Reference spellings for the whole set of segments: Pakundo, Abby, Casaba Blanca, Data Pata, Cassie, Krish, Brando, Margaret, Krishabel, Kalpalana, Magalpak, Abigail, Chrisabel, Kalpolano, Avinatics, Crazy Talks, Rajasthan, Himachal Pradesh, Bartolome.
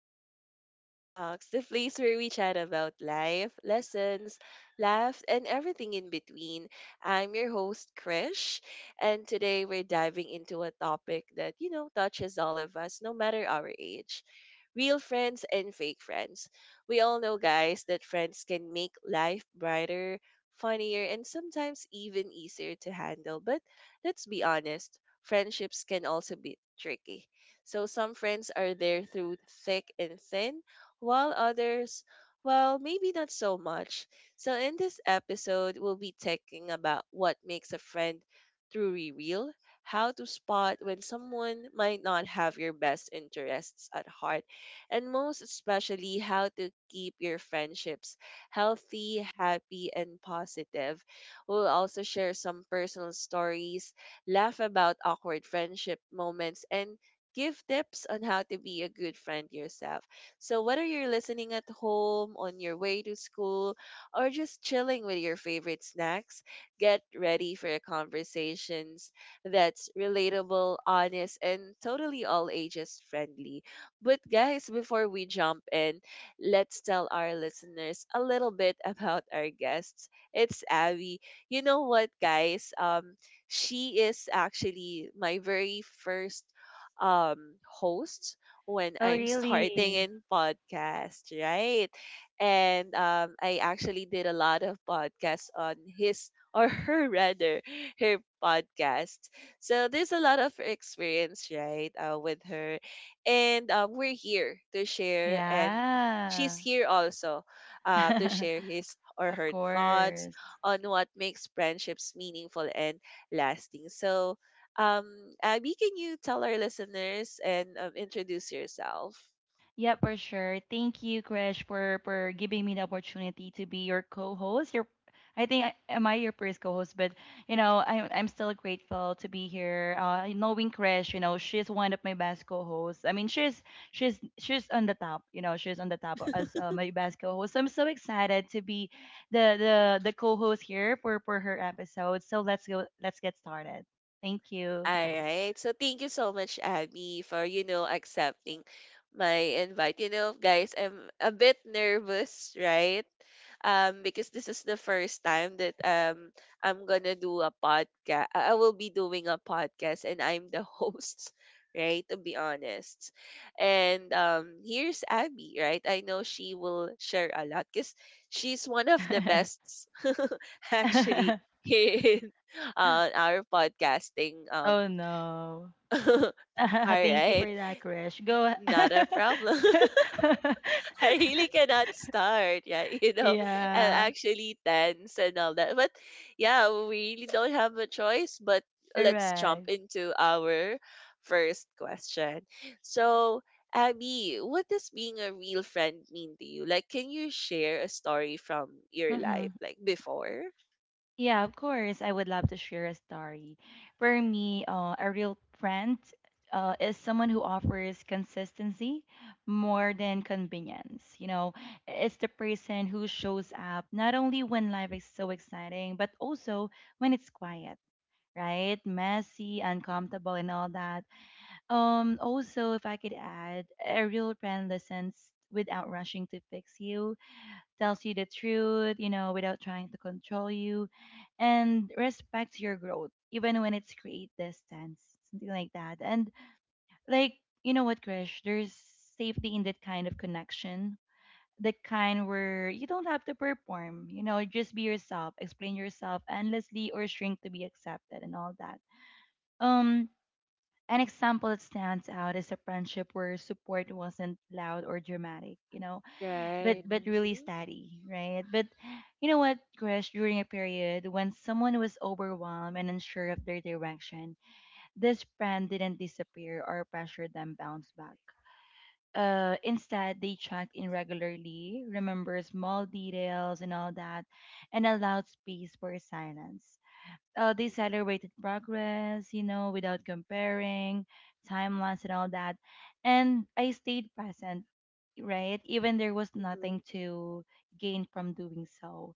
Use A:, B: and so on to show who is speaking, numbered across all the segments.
A: welcome to Crazy Talks, the place where we chat about life, lessons, laughs, and everything in between. I'm your host, Krish, and today we're diving into a topic that, you know, touches all of us, no matter our age. Real friends and fake friends. We all know, guys, that friends can make life brighter, funnier, and sometimes even easier to handle. But let's be honest, friendships can also be tricky. So some friends are there through thick and thin, while others, well, maybe not so much. So in this episode, we'll be talking about what makes a friend truly real, how to spot when someone might not have your best interests at heart, and most especially how to keep your friendships healthy, happy, and positive. We'll also share some personal stories, laugh about awkward friendship moments, and give tips on how to be a good friend yourself. So, whether you're listening at home, on your way to school, or just chilling with your favorite snacks, get ready for a conversations that's relatable, honest, and totally all ages friendly. But, guys, before we jump in, let's tell our listeners a little bit about our guests. It's Abby. You know what, guys? She is actually my very first host when
B: Oh,
A: I'm starting
B: really?
A: in podcast, right? And I actually did a lot of podcasts on his or her rather her podcast. So there's a lot of experience, right, with her. And we're here to share, and she's
B: Yeah.
A: here also to share his or
B: Of
A: her thoughts
B: course.
A: on what makes friendships meaningful and lasting. So Abby, can you tell our listeners and introduce yourself?
B: Yeah, for sure. Thank you, Krish, for giving me the opportunity to be your co-host. I think am I your first co-host, but I'm still grateful to be here. Knowing Krish, you know she's one of my best co-hosts. I mean she's she's on the top. You know she's on the top as my best co-host. So I'm so excited to be the co-host here for her episode. So let's go. Let's get started. Thank
A: All
B: you.
A: right. So thank you so much, Abby, for you know accepting my invite. You know, guys, I'm a bit nervous, right? Because this is the first time that I'm gonna do a podcast. I will be doing a podcast, and I'm the host, right? To be honest, and here's Abby, right? I know she will share a lot because she's one of the best, actually, here in our podcasting
B: Oh no.
A: All
B: Thank you for
A: right,
B: that, Krish. Go.
A: not a problem. I really cannot start. Yeah, you know, I'm
B: Yeah,
A: actually tense and all that. But yeah, we really don't have a choice. But let's jump
B: correct.
A: into our first question. So, Abby, what does being a real friend mean to you? Like, can you share a story from your life,
B: hmm
A: like before?
B: Yeah, of course. I would love to share a story. For me, a real friend is someone who offers consistency more than convenience. You know, it's the person who shows up not only when life is so exciting, but also when it's quiet, right? Messy, uncomfortable, and all that. Also, if I could add, a real friend listens without rushing to fix you, tells you the truth, you know, without trying to control you, and respects your growth, even when it's create distance, something like that. And like, you know what, Krish, there's safety in that kind of connection. The kind where you don't have to perform, you know, just be yourself, explain yourself endlessly or shrink to be accepted and all that. Um an example that stands out is a friendship where support wasn't loud or dramatic, you know,
A: Right.
B: but really
A: Mm-hmm.
B: steady, right? But you know what, Krish, during a period when someone was overwhelmed and unsure of their direction, this friend didn't disappear or pressure them bounce back. Instead, they checked in regularly, remember small details and all that, and allowed space for silence. They celebrated progress, you know, without comparing timelines and all that. And I stayed present, right? Even there was
A: Mm-hmm.
B: nothing to gain from doing so.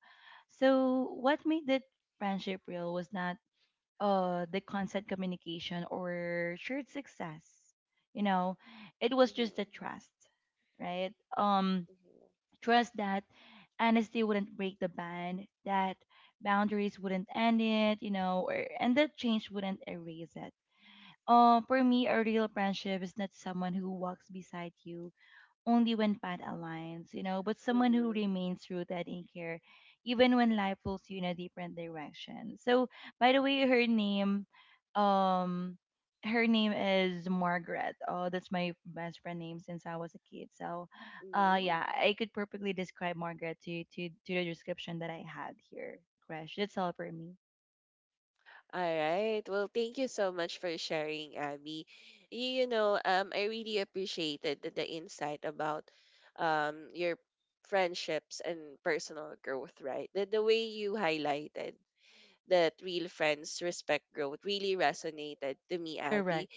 B: So what made that friendship real was not the constant communication or shared success. You know, it was just the
A: Mm-hmm.
B: trust, right? Trust that honesty wouldn't break the band, that boundaries wouldn't end it, and that change wouldn't erase it. For me, a real friendship is not someone who walks beside you only when path aligns, you know, but someone who
A: Mm-hmm.
B: remains rooted in care even when life pulls you in a different direction. So by the way, um her name is Margaret. Oh, that's my best friend name since I was a kid. So
A: Mm-hmm.
B: yeah, I could perfectly describe Margaret to to the description that I had here, Crash. That's all for me.
A: All right. Well, thank you so much for sharing, Abby. You know, I really appreciated the insight about your friendships and personal growth, right? The way you highlighted that real friends respect growth really resonated to me,
B: Correct.
A: Abby,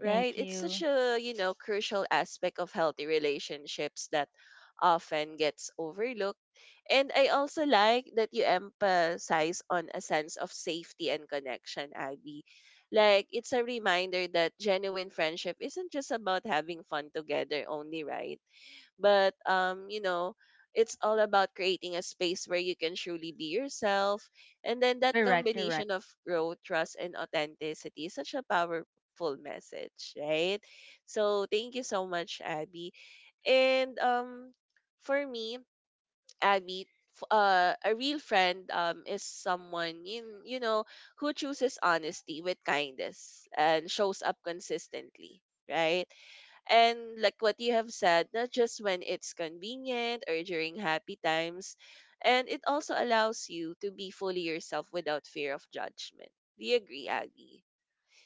A: right?
B: Thank
A: It's such
B: you.
A: a, you know, crucial aspect of healthy relationships that often gets overlooked. And I also like that you emphasize on a sense of safety and connection, Abby. Like, it's a reminder that genuine friendship isn't just about having fun together only, right? But you know it's all about creating a space where you can truly be yourself, and then that
B: Correct, correct.
A: combination of growth, trust, and authenticity is such a powerful message, right? So thank you so much, Abby. And for me, Abby, a real friend is someone you, you know, who chooses honesty with kindness and shows up consistently, right? And like what you have said, not just when it's convenient or during happy times, and it also allows you to be fully yourself without fear of judgment. Do you agree, Aggie?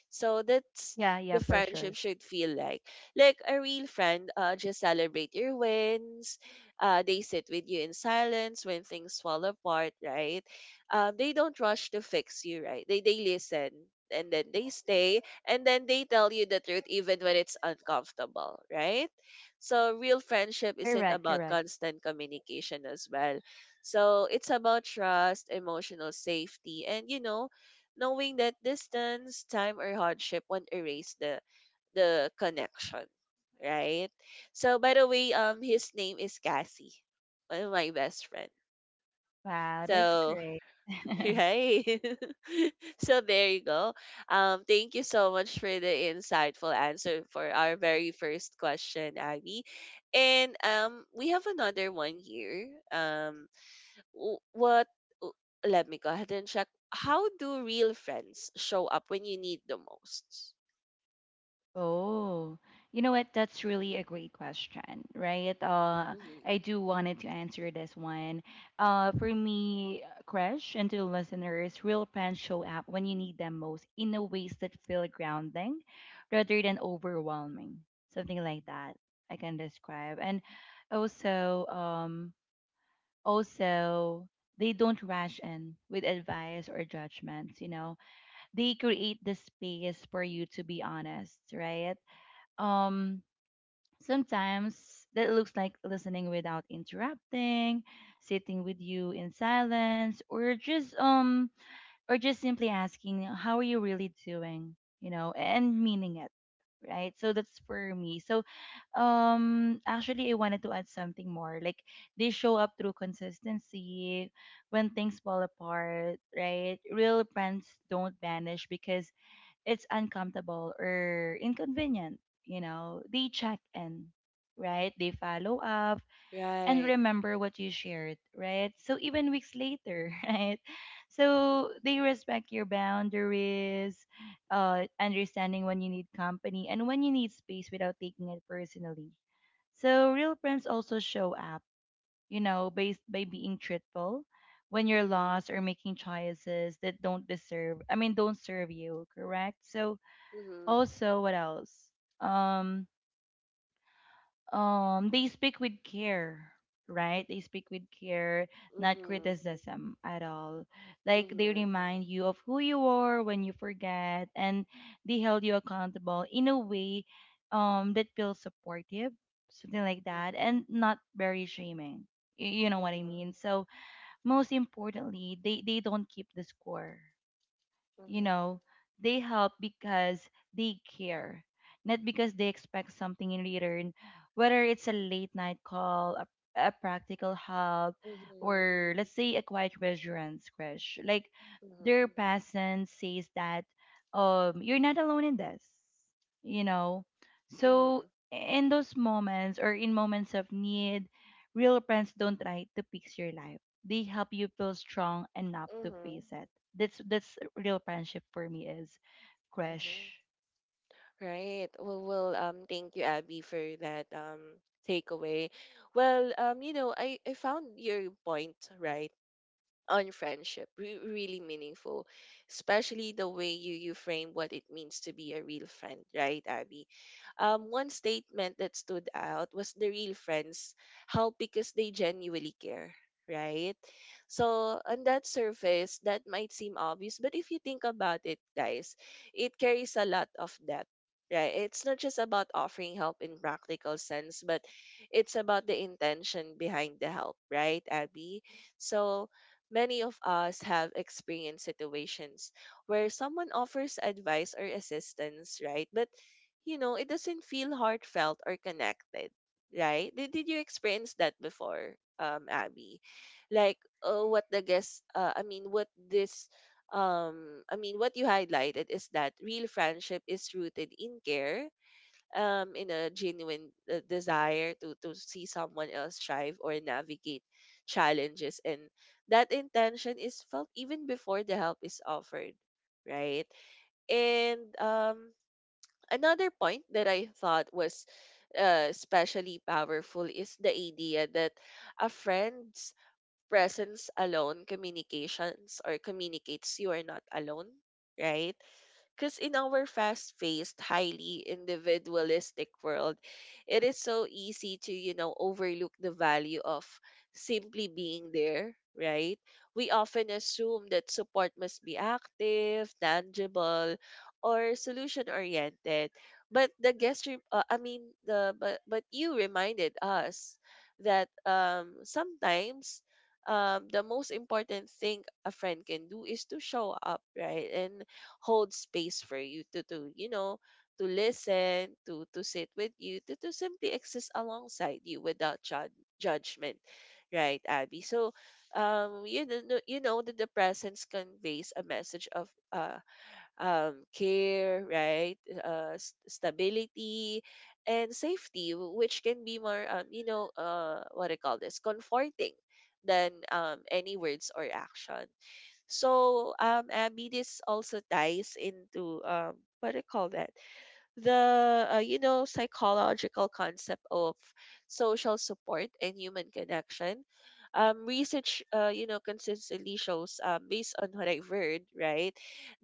A: So that's
B: Yeah, yeah,
A: the
B: for
A: friendship
B: sure.
A: should feel like. Like a real friend, just celebrate your wins. They sit with you in silence when things fall apart, right? They don't rush to fix you, right? They listen and then they stay and then they tell you the truth even when it's uncomfortable, right? So real friendship isn't
B: Correct,
A: about
B: correct.
A: constant communication as well. So it's about trust, emotional safety, and you know, knowing that distance, time, or hardship won't erase the connection, right? So by the way, his name is Cassie, one of my best friend.
B: Wow, that's
A: So
B: great.
A: right, so there you go. Thank you so much for the insightful answer for our very first question, Abby. And we have another one here. W- what w- Let me go ahead and check, how do real friends show up when you need the most?
B: Oh, you know what? That's really a great question, right?
A: Hmm.
B: I do wanted to answer this one. For me, Crash, and to the listeners, real friends show up when you need them most in a ways that feel grounding rather than overwhelming. Something like that I can describe. And also, also they don't rush in with advice or judgments, you know. They create the space for you to be honest, right? um Sometimes that looks like listening without interrupting, sitting with you in silence, or just simply asking how are you really doing, you know, and meaning it, right? So that's for me. So actually I wanted to add something more. Like they show up through consistency. When things fall apart, right, real friends don't vanish because it's uncomfortable or inconvenient, you know, they check in, right? They follow up and
A: Right.
B: remember what you shared, right? So even weeks later, right? So
A: Mm-hmm.
B: they respect your boundaries, understanding when you need company and when you need space without taking it personally. So real friends also show up, you know, based by being truthful when you're
A: Mm-hmm.
B: lost or making choices that don't deserve, don't serve you, correct? So
A: Mm-hmm.
B: also, what else? Um, they speak with care, right? They speak with care, not criticism at all. Like they
A: Mm-hmm.
B: remind you of who you are when you forget, and they held you accountable in a way, that feels supportive, something like that, and not very shaming. You know what I mean? So most importantly, they don't keep the score, you know. They help because they care, not because they expect something in return, whether it's a late night call, a practical help, or let's say a quiet reassurance, crash. Like their presence says that you're not alone in this, you know. So in those moments or in moments of need, real friends don't try to fix your life, they help you feel strong enough to face it. That's real friendship for me is crush.
A: Right. Well, thank you, Abby, for that takeaway. Well, you know, I found your point right on friendship really meaningful, especially the way you frame what it means to be a real friend, right, Abby? One statement that stood out was the real friends help because they genuinely care, right? So on that surface that might seem obvious, but if you think about it, guys, it carries a lot of depth, right? It's not just about offering help in practical sense, but it's about the intention behind the help, right, Abby? So many of us have experienced situations where someone offers advice or assistance, right? But, you know, it doesn't feel heartfelt or connected, right? Did you experience that before, Abby? Like, what the guest, I mean, what this, I mean, what you highlighted is that real friendship is rooted in care, in a genuine desire to see someone else thrive or navigate challenges, and that intention is felt even before the help is offered, right? And another point that I thought was especially powerful is the idea that a friend's presence alone communications or communicates you are not alone, right? Because in our fast paced, highly individualistic world, it is so easy to, you know, overlook the value of simply being there, right? We often assume that support must be active, tangible, or solution oriented. But the guest, re- I mean, the but you reminded us that sometimes the most important thing a friend can do is to show up, right? And hold space for you to you know to listen to sit with you to simply exist alongside you without judgment, right, Abby? So you know, no, you know that the presence conveys a message of care, right, stability and safety, which can be more you know what I call this comforting than any words or action. So, Abby, this also ties into what do you call that? The you know psychological concept of social support and human connection. Research, you know, consistently shows, based on what I've heard, right,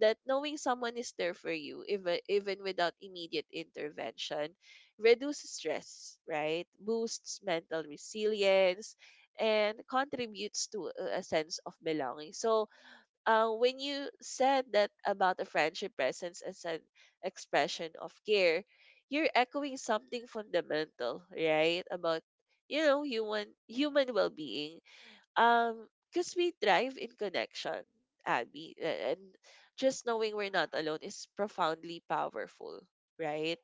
A: that knowing someone is there for you, even without immediate intervention, reduces stress, right, boosts mental resilience, and contributes to a sense of belonging. So, when you said that about a friendship presence as an expression of care, you're echoing something fundamental, right? About you know human well-being. Because we thrive in connection, Abby, and just knowing we're not alone is profoundly powerful, right?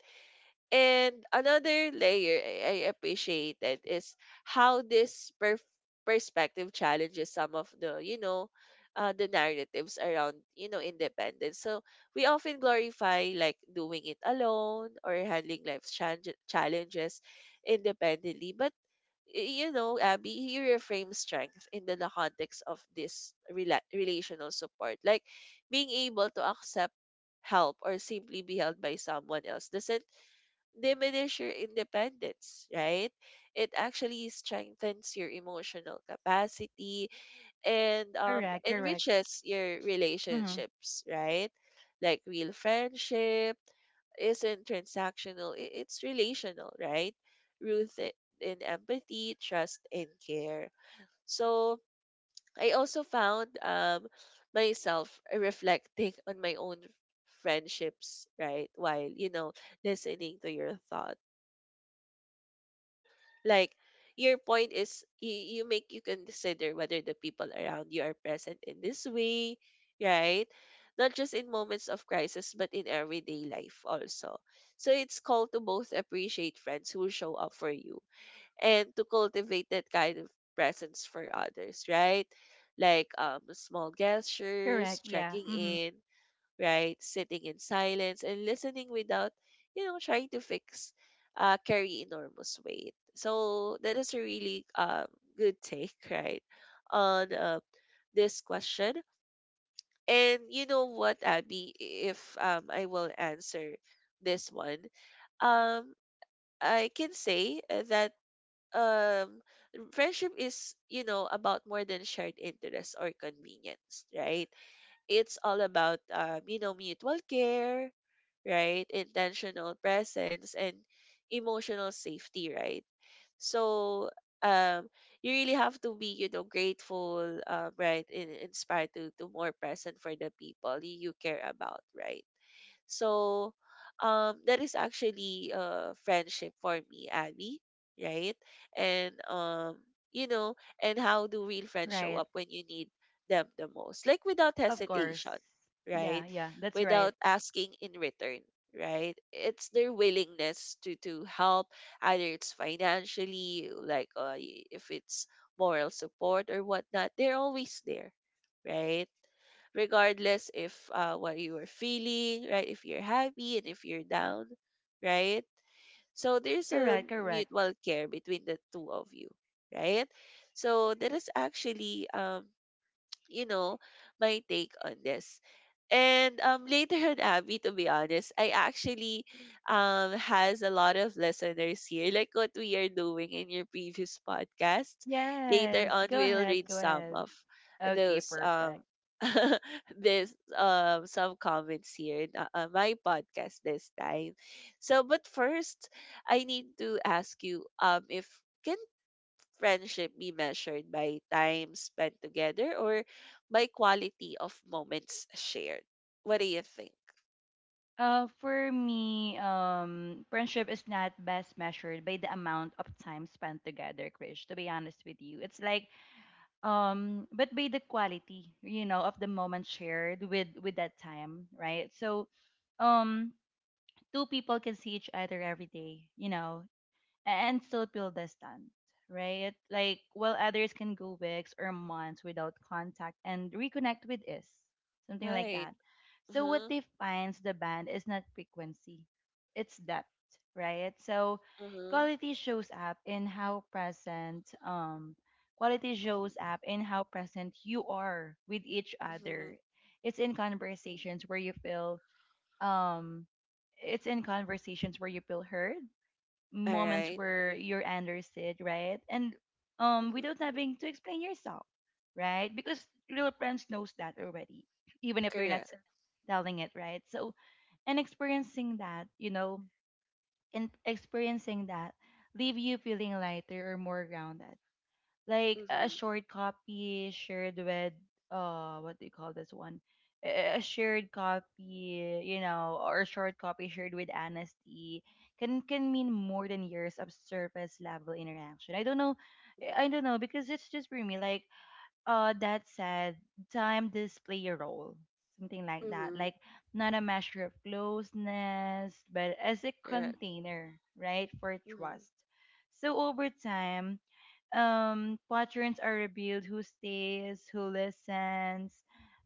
A: And another layer I appreciated is how this perspective challenges some of the, you know, the narratives around, you know, independence. So we often glorify like doing it alone or handling life's challenges independently. But, you know, Abby, you reframe strength in the context of this relational support. Like being able to accept help or simply be held by someone else doesn't diminish your independence, right? It actually strengthens your emotional capacity and
B: Correct, correct.
A: enriches your
B: Mm-hmm.
A: relationships, right? Like real friendship isn't transactional, it's relational, right? Rooted in empathy, trust, and care. So I also found myself reflecting on my own friendships, right? While, you know, listening to your thoughts, like your point is you, you make you can consider whether the people around you are present in this way, right, not just in moments of crisis but in everyday life also. So it's called to both appreciate friends who show up for you and to cultivate that kind of presence for others, right? Like small
B: Correct,
A: gestures,
B: yeah.
A: checking
B: Mm-hmm.
A: in, right? Sitting in silence and listening without, you know, trying to fix carry enormous weight. So that is a really good take, right, on this question. And you know what, Abby, if I will answer this one, um, I can say that um, friendship is, you know, about more than shared interests or convenience, right? It's all about mutual care, right? Intentional presence and emotional safety, right? So um you really have to be, grateful, right, and inspired to more present for the people you care about, right? So that is actually friendship for me, Abby, right? And um you know, and how do real friends show
B: Right.
A: up when you need them the most? Like without
B: Of course.
A: hesitation,
B: Yeah,
A: right?
B: yeah, that's right.
A: Without asking in return, right? It's their willingness to help, either it's financially, like if it's moral support or whatnot, they're always there, right? Regardless if what you are feeling, right? If you're happy and if you're down, right? So there's a
B: Correct, correct.
A: mutual care between the two of you, right? So that is actually you know, my take on this. And later on, Abby, to be honest, I actually has a lot of listeners here, like what we are doing in your previous podcast. Later
B: Yes.
A: on,
B: Go
A: we'll
B: ahead,
A: read
B: go
A: some
B: ahead.
A: of
B: Okay,
A: those
B: perfect.
A: this some comments here in my podcast this time. So, but first, I need to ask you, if can friendship be measured by time spent together or by quality of moments shared? What do you think?
B: For me, friendship is not best measured by the amount of time spent together, Krish. To be honest with you, it's like but by the quality, you know, of the moment shared with that time, right? So um two people can see each other every day, you know, and still feel distant, right? Like while others can go weeks or months without contact and reconnect with us, something like
A: Right.
B: that. So what
A: Uh-huh.
B: defines the band is not frequency, it's depth, right? So
A: Uh-huh.
B: quality shows up in how present
A: Mhm,
B: you are with each
A: mhm,
B: other. It's in
A: mhm.
B: conversations where you feel um heard,
A: All
B: moments
A: right.
B: where you're understood, right? And
A: Mhm.
B: without having to explain yourself, right? Because little friends knows that already, even if you're not
A: Correct.
B: telling it, right? So and experiencing that, you know, and experiencing that leave you feeling lighter or more grounded. Like a
A: Mm-hmm.
B: short copy shared with what do you call this one, a shared copy, you know, or a short copy shared with honesty can mean more than years of surface level interaction. I don't know, I
A: Mm-hmm.
B: don't know, because it's just for me. Like that said, time does play a role, something like that.
A: Mm-hmm.
B: Like not a measure of closeness, but as a
A: Correct.
B: container, right, for
A: Mm-hmm.
B: trust. So over time, patterns are revealed: who stays, who listens,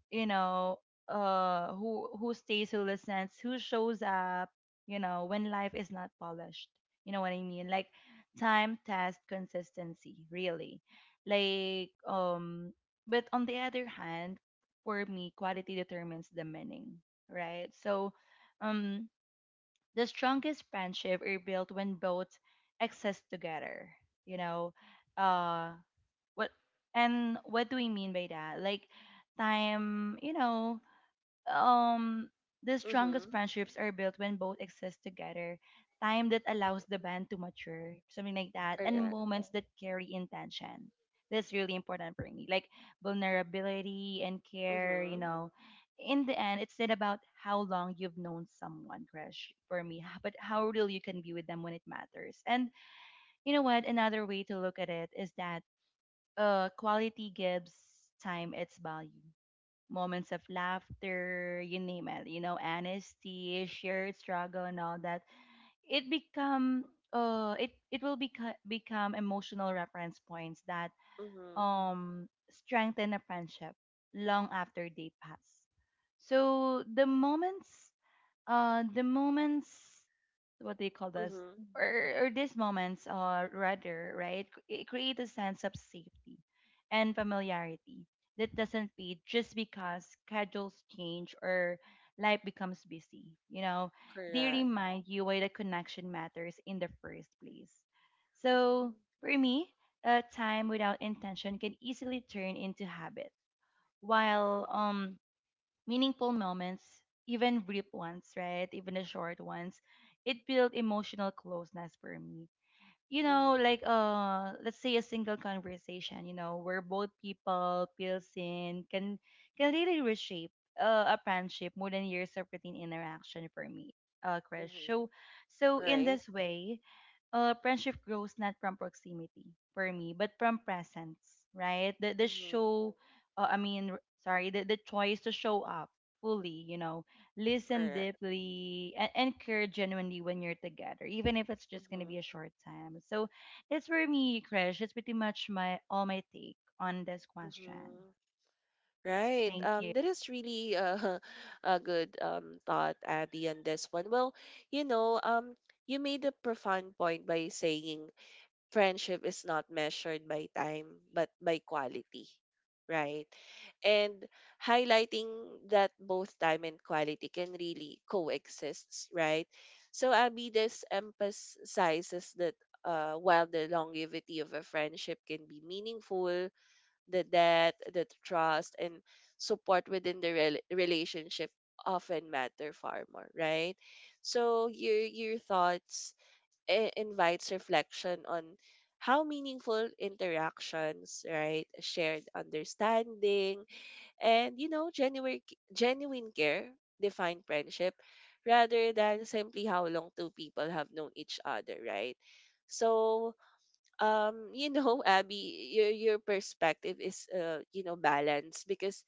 B: you know, who stays, who listens, who shows up, you know, when life is not polished. You know what I mean? Like time test consistency really. Like but on the other hand, for me, quality determines the meaning, right? So um the strongest friendship are built when both exist together you know uh what and what do we mean by that? Like time, you know, um the strongest
A: Mm-hmm.
B: friendships are built when both exist together. Time that allows the
A: Mm-hmm.
B: band to mature, something like that, and
A: Correct.
B: moments that carry intention. That's really important for me. Like vulnerability and care, you
A: Mm-hmm.
B: know. In the end, it's not about how long you've known someone, crush, for me, but how real you can be with them when it matters. And you know what? Another way to look at it is that quality gives time its value. Moments of laughter, you name it, you know, honesty, shared struggle, and all that. It become it it will become become emotional reference points that
A: Mm-hmm.
B: strengthen a friendship long after they pass. So the moments what they call this
A: Mm-hmm.
B: or these moments rather, right, it create a sense of safety and familiarity that doesn't fade just because schedules change or life becomes busy, you know. They
A: Correct.
B: remind you why the connection matters in the first place. So
A: Mm-hmm.
B: for me, a time without intention can easily turn into habit, while
A: Mm-hmm.
B: meaningful moments, even brief ones, right? Even the short ones, it built emotional closeness for me. You know,
A: Mm-hmm.
B: like let's say a single conversation, you know, where both people feel seen can really reshape a friendship more than years of routine interaction for me, Chris.
A: Mm-hmm.
B: So in
A: Right.
B: this way, friendship grows not from proximity for me, but from presence, right? The
A: Mm-hmm.
B: show, I mean, r- sorry, The choice to show up fully, you know, listen
A: Correct.
B: deeply, and care genuinely when you're together, even if it's just gonna
A: Mm-hmm.
B: be a short time. So it's for me, Krish. It's pretty much my all my take on this question.
A: Mm-hmm. Right.
B: Thank you.
A: That is really a good, thought, Abby, on this one. Well, you know, um, you made a profound point by saying friendship is not measured by time, but by quality, right? And highlighting that both time and quality can really coexist, right? So, Abby, this emphasizes that, while the longevity of a friendship can be meaningful, the debt, the trust, and support within the relationship often matter far more, right? So your thoughts invites reflection on how meaningful interactions, right, shared understanding, and genuine care define friendship rather than simply how long two people have known each other, right? So, Abby, your perspective is, balanced, because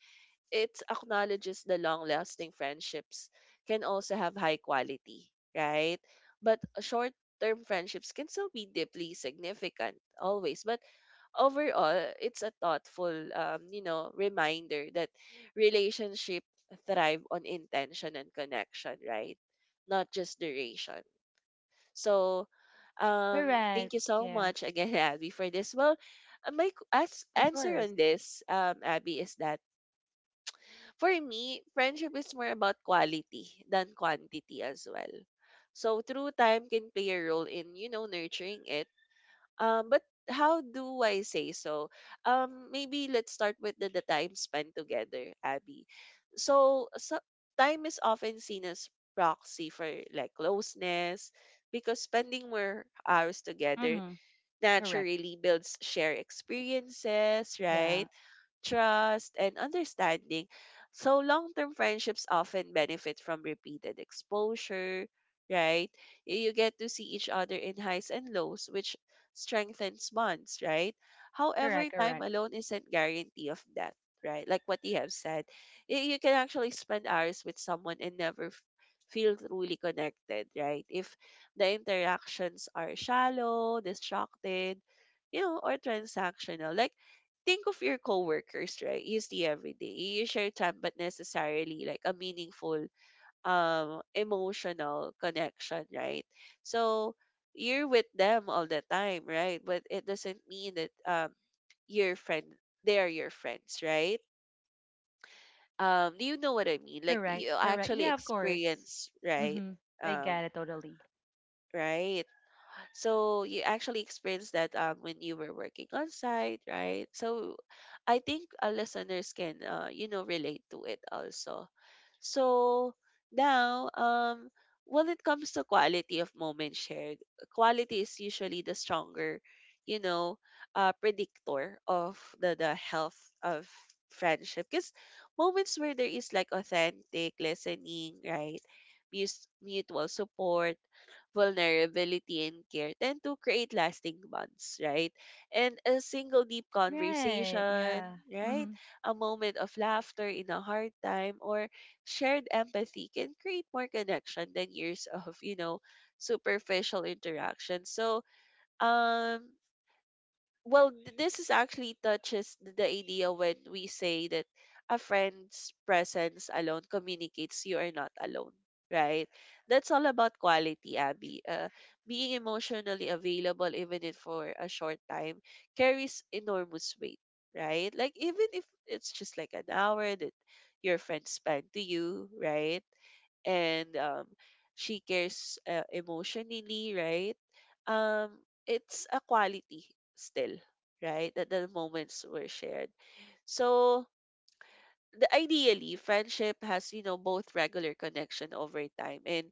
A: it acknowledges the long lasting friendships can also have high quality, right? But short term friendships can still be deeply significant, always. But overall, it's a thoughtful, reminder that relationship thrive on intention and connection, right? Not just duration. So, thank
B: Correct.
A: you so
B: Yeah.
A: much again, Abby, for this. Well, my as
B: Of
A: answer
B: course.
A: on this, Abby, is that for me, friendship is more about quality than quantity as well. So, through time can play a role in, nurturing it, but how do I say so? Maybe let's start with the time spent together, Abby. So, time is often seen as proxy for like closeness, because spending more hours together
B: Mm-hmm. Correct.
A: naturally builds shared experiences, right?
B: Yeah.
A: Trust, and understanding. So, long term friendships often benefit from repeated exposure, right? You get to see each other in highs and lows, which strengthens bonds, right? However,
B: Correct.
A: time
B: Correct.
A: alone isn't guarantee of that, right? Like what you have said, you can actually spend hours with someone and never feel truly connected, right? If the interactions are shallow, distracted, or transactional. Like think of your coworkers, right? You see every day. You share time, but necessarily like a meaningful, emotional connection, right? So you're with them all the time, right? But it doesn't mean that, your friend they are your friends, right? Do you know what I mean? Like
B: Correct,
A: you
B: correct.
A: actually
B: Yeah, of course.
A: experience, right?
B: Mm-hmm. I
A: Um,
B: get it totally.
A: right? So you actually experienced that, when you were working on site, right? So I think our listeners can, relate to it also. So now, when it comes to quality of moment shared, quality is usually the stronger, you know, predictor of the health of friendship. Because moments where there is like authentic listening, right? Mutual support, vulnerability and care tend to create lasting bonds, right? And a single deep
B: Right,
A: conversation,
B: yeah.
A: right?
B: Mm-hmm.
A: A moment of laughter in a hard time or shared empathy can create more connection than years of, superficial interaction. So, um well, this is actually touches the idea when we say that a friend's presence alone communicates you are not alone, right? That's all about quality, Abby. Being emotionally available even if for a short time carries enormous weight, right? Like even if it's just like an hour that your friend spent to you, right? And she cares, emotionally, right? um, it's a quality still, right? That the moments were shared. So, the ideally friendship has, both regular connection over time and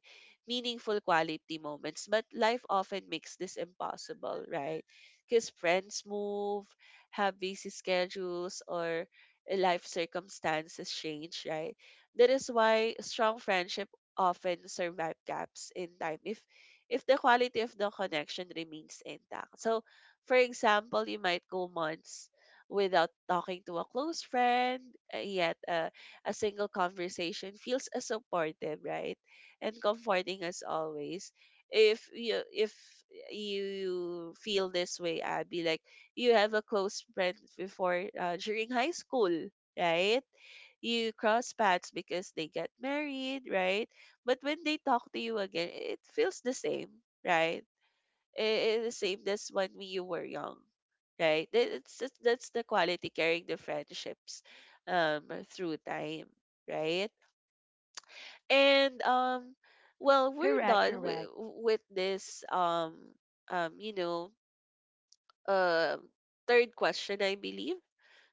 A: meaningful quality moments, but life often makes this impossible, right? Because friends move, have busy schedules, or life circumstances change, right? That is why strong friendship often survive gaps in time, if the quality of the connection remains intact. So, for example, you might go months without talking to a close friend, yet a single conversation feels as supportive, right? And comforting as always. If you feel this way, Abby, like you have a close friend before, during high school, right? You cross paths because they get married, right? But when they talk to you again, it feels the same, right? It is same as when we you were young, right? It's that's the quality carrying the friendships, um, through time, right? And well, we're
B: Correct,
A: done with
B: correct.
A: this, um you know uh third question, I believe.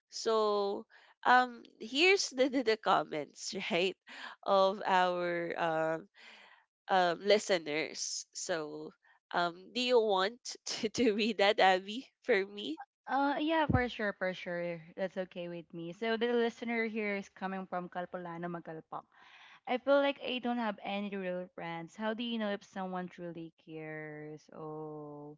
A: So, here's the comments right of our listeners. So, do you want to read that, Abby, for me?
B: Yeah, for sure, for sure. That's okay with me. So the listener here is coming from Kalpolano, Magalpak. I feel like I don't have any real friends. How do you know if someone truly cares? Oh,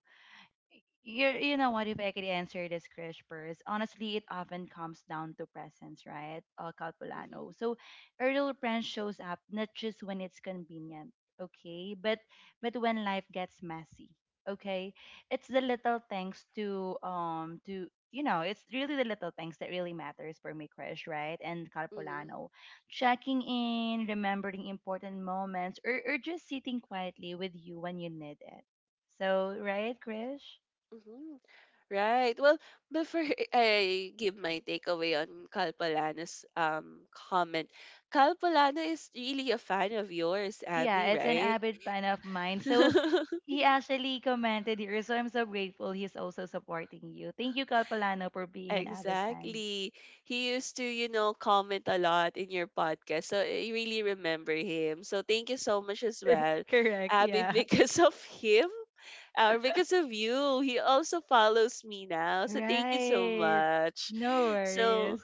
B: you know what, if I could answer this, Krish? First, honestly, it often comes down to presence, right?
A: Mhm,
B: Calpulano, so a real friend shows up not just when it's convenient, okay, but when life gets messy, okay. It's the little things to, it's really the little things that really matters for me, Krish, right? And
A: mhm,
B: Calpulano, checking in, remembering important moments, or just sitting quietly with you when you need it. So right, Krish.
A: mhm. Right. Well, before I give my takeaway on Kalpalana's comment, Kalpalana is really a fan of yours,
B: Yeah,
A: Abby,
B: it's an
A: right?
B: avid fan of mine. So he actually commented here. So I'm so grateful he's also supporting you. Thank you, Kalpalano, for being an avid fan.
A: Exactly. He used to, comment a lot in your podcast. So I really remember him. So thank you so much as well,
B: Correct.
A: Abby,
B: Yeah.
A: because of him or because of you. He also follows me now. So thank you so
B: Right.
A: much.
B: No
A: So,
B: worries.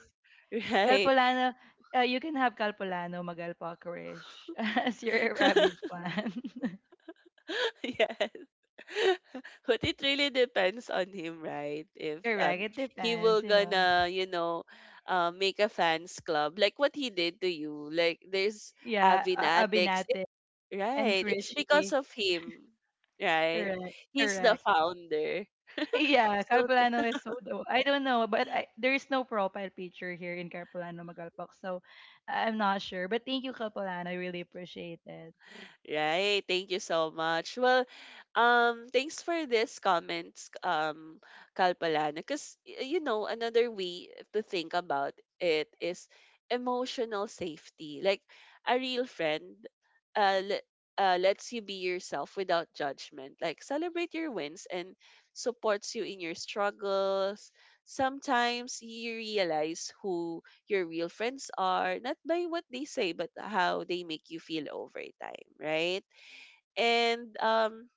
A: right.
B: Kalpolano, you can have Kalpolano Magalpakrish as your rabid fan.
A: Yes. But it really depends on him, right? If
B: Correct. It
A: he will
B: depends, you know.
A: gonna, make a fans club like what he did to you. Like there's
B: Yeah,
A: Avinatics.
B: Abinate and
A: Right. It's because
B: Krishi.
A: of him, right?
B: Correct.
A: He's the
B: Correct.
A: founder.
B: Yeah,
A: So.
B: Carpolano is Soto. I don't know, but there is no profile picture here in Carpolano Magalpak, so I am not sure. But thank you, Carpolano. I really appreciate it.
A: Right. Thank you so much. Well, thanks for this comments, Kalpalana. Because, another way to think about it is emotional safety. Like a real friend, uh, le- lets you be yourself without judgment. Like celebrate your wins and supports you in your struggles. Sometimes you realize who your real friends are, not by what they say, but how they make you feel over time, right? And um,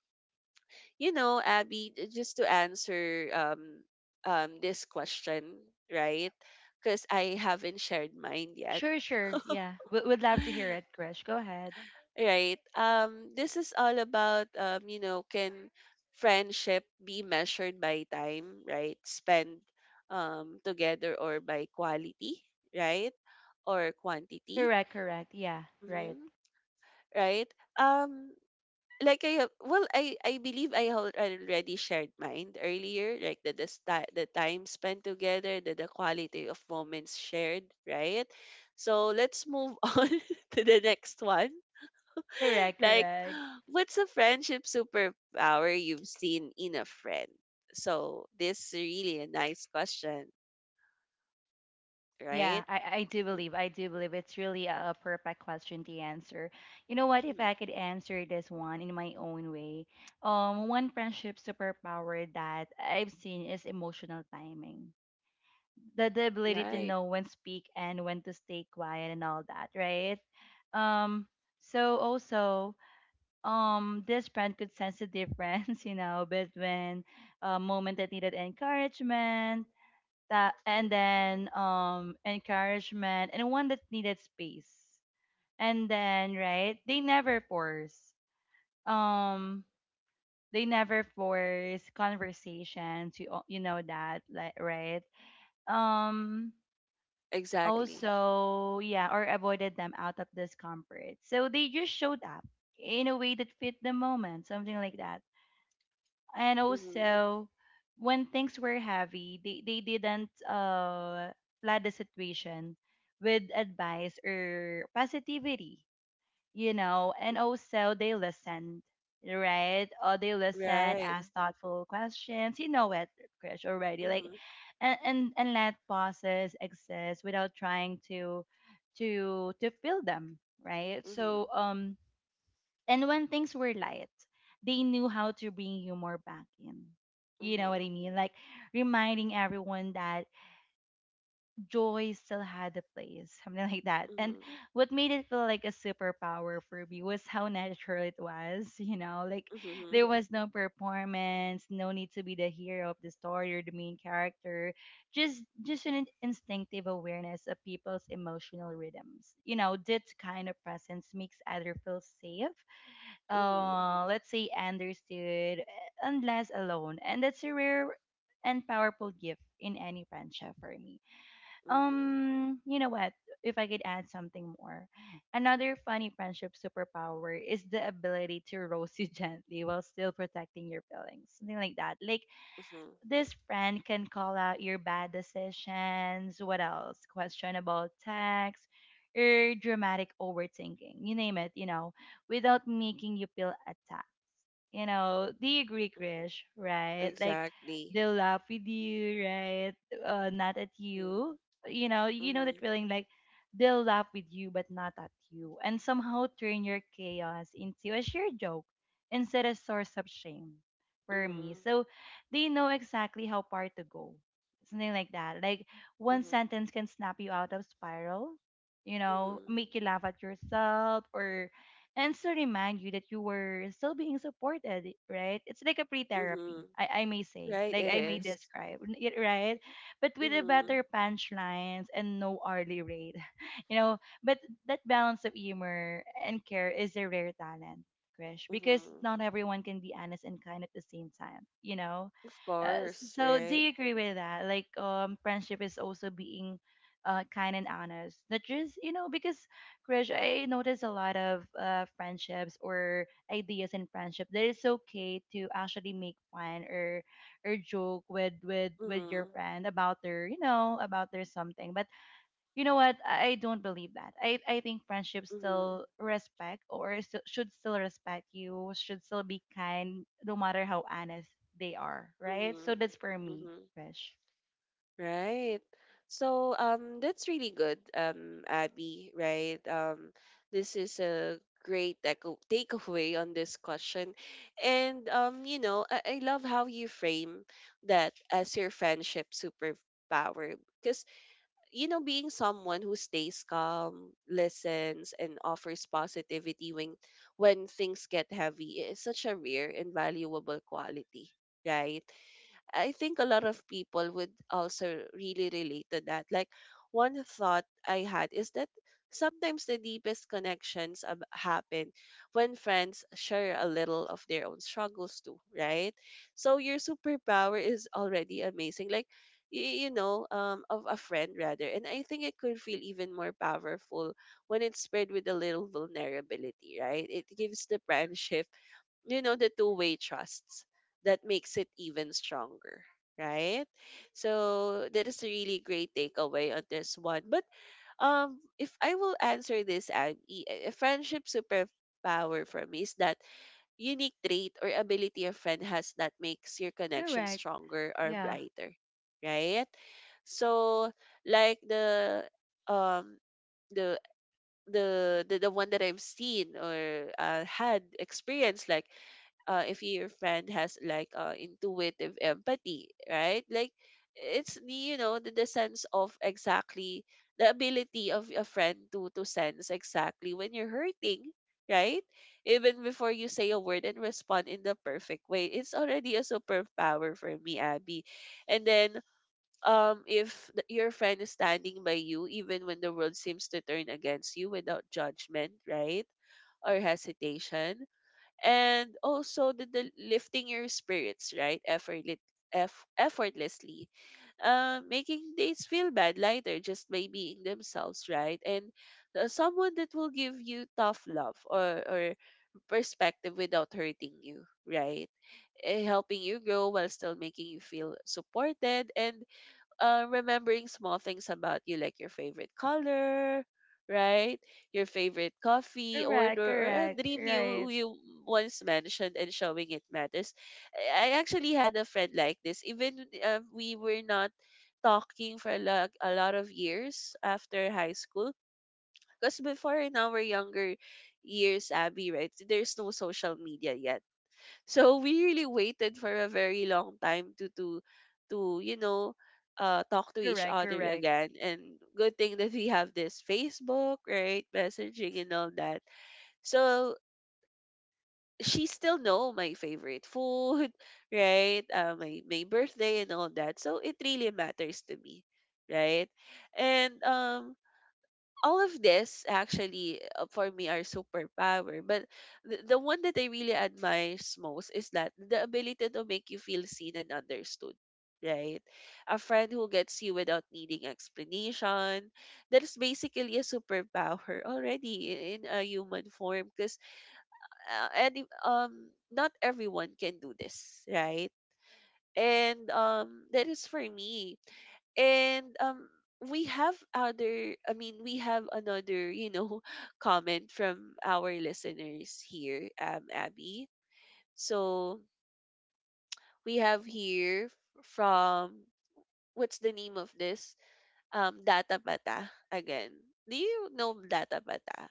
A: you know, Abby, just to answer, this question, right? Because I haven't shared mine yet.
B: Sure, sure. Yeah, we would love to hear it, Krish. Go ahead.
A: Right. This is all about, can friendship be measured by time, right? Spend together or by quality, right? Or quantity.
B: Correct, correct. Yeah, right.
A: Mm-hmm. Right? Um, like well, I believe already shared mine earlier, like the time spent together, the quality of moments shared, right? So let's move on to the next one.
B: Correct,
A: Like,
B: correct.
A: what's a friendship superpower you've seen in a friend? So this is really a nice question, right?
B: Yeah, I do
A: Mm,
B: believe, I do believe it's really a perfect question to answer. You know what? If
A: mm.
B: I could answer this one in my own way, one friendship superpower that I've seen is emotional timing, the ability to
A: Right,
B: know when speak and when to stay quiet and all that, right? Um, also, this brand could sense the difference, you know, between a moment that needed encouragement, that and then encouragement and one that needed space. And then, right, they never force. Um, they never force conversation to, you know, that, like, right? Um,
A: exactly.
B: Also, yeah, or avoided them out of discomfort, so they just showed up in a way that fit the moment, something like that. And
A: Hmm.
B: also, when things were heavy, they didn't flood the situation with advice or positivity, you know. And also they listened, right? Or they listened,
A: Right.
B: asked thoughtful questions. You know it, Krish, already. Like,
A: Mm-hmm.
B: and let pauses exist without trying to to fill them, right?
A: Mm-hmm.
B: And when things were light, they knew how to bring humor back in. You know what I mean? Like reminding everyone that joy still had a place, something like that. And
A: Mm-hmm.
B: what made it feel like a superpower for me was how natural it was, you know, like there
A: Mhm.
B: was no performance, no need to be the hero of the story or the main character, just an instinctive awareness of people's emotional rhythms. You know, that kind of presence makes other feel safe,
A: Mhm.
B: let's say understood, unless alone. And that's a rare and powerful gift in any friendship for me.
A: Mhm.
B: You know what? If I could add something more, another funny friendship superpower is the ability to roast you gently while still protecting your feelings, something like that. Like
A: Mhm.
B: this friend can call out your bad decisions, what else? Questionable texts or dramatic overthinking. You name it, you know, without making you feel attacked. You know, do you agree,
A: Mhm.
B: Krish? Right? Like
A: Exactly.
B: they'll laugh with you, right? Not at
A: Mm.
B: you. You know that
A: Mhm.
B: feeling like they'll laugh with you but not at you, and somehow turn your chaos into a sheer joke instead of source of shame for me.
A: Mhm.
B: So they know exactly how far to go. Something like that. Like one
A: Mhm.
B: sentence can snap you out of spiral, you know,
A: Mhm.
B: make you laugh at yourself, or and to remind you that you were still being supported, right? It's like a pre-therapy,
A: Mhm.
B: I may say,
A: Right,
B: like
A: it
B: I may
A: is.
B: describe, it, right? But with a
A: Mhm.
B: better punchlines and no hourly rate, you know. But that balance of humor and care is a rare talent, Krish, because
A: Mhm.
B: not everyone can be honest and kind at the same time, you know.
A: Of course,
B: So do
A: right?
B: you agree with that? Like, friendship is also being kind and honest. Not just, you know, because Krish, I notice a lot of friendships or ideas in friendship that it's okay to actually make fun or joke with with your
A: Mhm.
B: friend about their, you know, about their something. But you know what? I don't believe that. I think friendship
A: Mhm.
B: still respect, or still, should still respect you. Should still be kind, no matter how honest they are. Right. So
A: Mhm.
B: that's for me,
A: Mhm.
B: Krish.
A: Right. So, that's really good, Abby, right? This is a great echo takeaway on this question. And I love how you frame that as your friendship superpower. Because, being someone who stays calm, listens, and offers positivity when things get heavy is such a rare and valuable quality, right? I think a lot of people would also really relate to that. Like one thought I had is that sometimes the deepest connections happen when friends share a little of their own struggles too, right? So your superpower is already amazing. Like of a friend rather, and I think it could feel even more powerful when it's paired with a little vulnerability, right? It gives the friendship, the two-way trusts that makes it even stronger, right? So that is a really great takeaway on this one. But if I will answer this, Abby, a friendship superpower for me is that unique trait or ability a friend has that makes your connection
B: Correct.
A: stronger or
B: Yeah.
A: brighter, right? So, like um the the one that I've seen or had experience, like if your friend has like intuitive empathy, right? Like it's the sense of exactly the ability of a friend to sense exactly when you're hurting, right? Even before you say a word and respond in the perfect way, it's already a superpower for me, Abby. And then if your friend is standing by you even when the world seems to turn against you without judgment, right, or hesitation. And also the lifting your spirits, right, effortlessly, making dates feel bad lighter just by being themselves, right. And someone that will give you tough love, or perspective without hurting you, right. Helping you grow while still making you feel supported, and remembering small things about you, like your favorite color, right? Your favorite coffee
B: Correct.
A: order, or a
B: Correct.
A: dream
B: Right.
A: you once mentioned, and showing it matters. I actually had a friend like this. Even we were not talking for like a lot of years after high school. Because before in our younger years, Abby, right, there's no social media yet, so we really waited for a very long time to talk to each
B: Correct.
A: other
B: Correct.
A: again, and good thing that we have this Facebook, right, messaging and all that. So she still know my favorite food right, my birthday and all that, so it really matters to me, right. And all of this actually, for me, are superpower, but the one that I really admires most is that the ability to make you feel seen and understood, right. A friend who gets you without needing explanation, that is basically a superpower already, in a human form, because and if- not everyone can do this, right. And that is for me. And we have other, I mean we have another, comment from our listeners here, Abby. So, we have here from, what's the name of this? Data Pata again. Do you know Data Pata?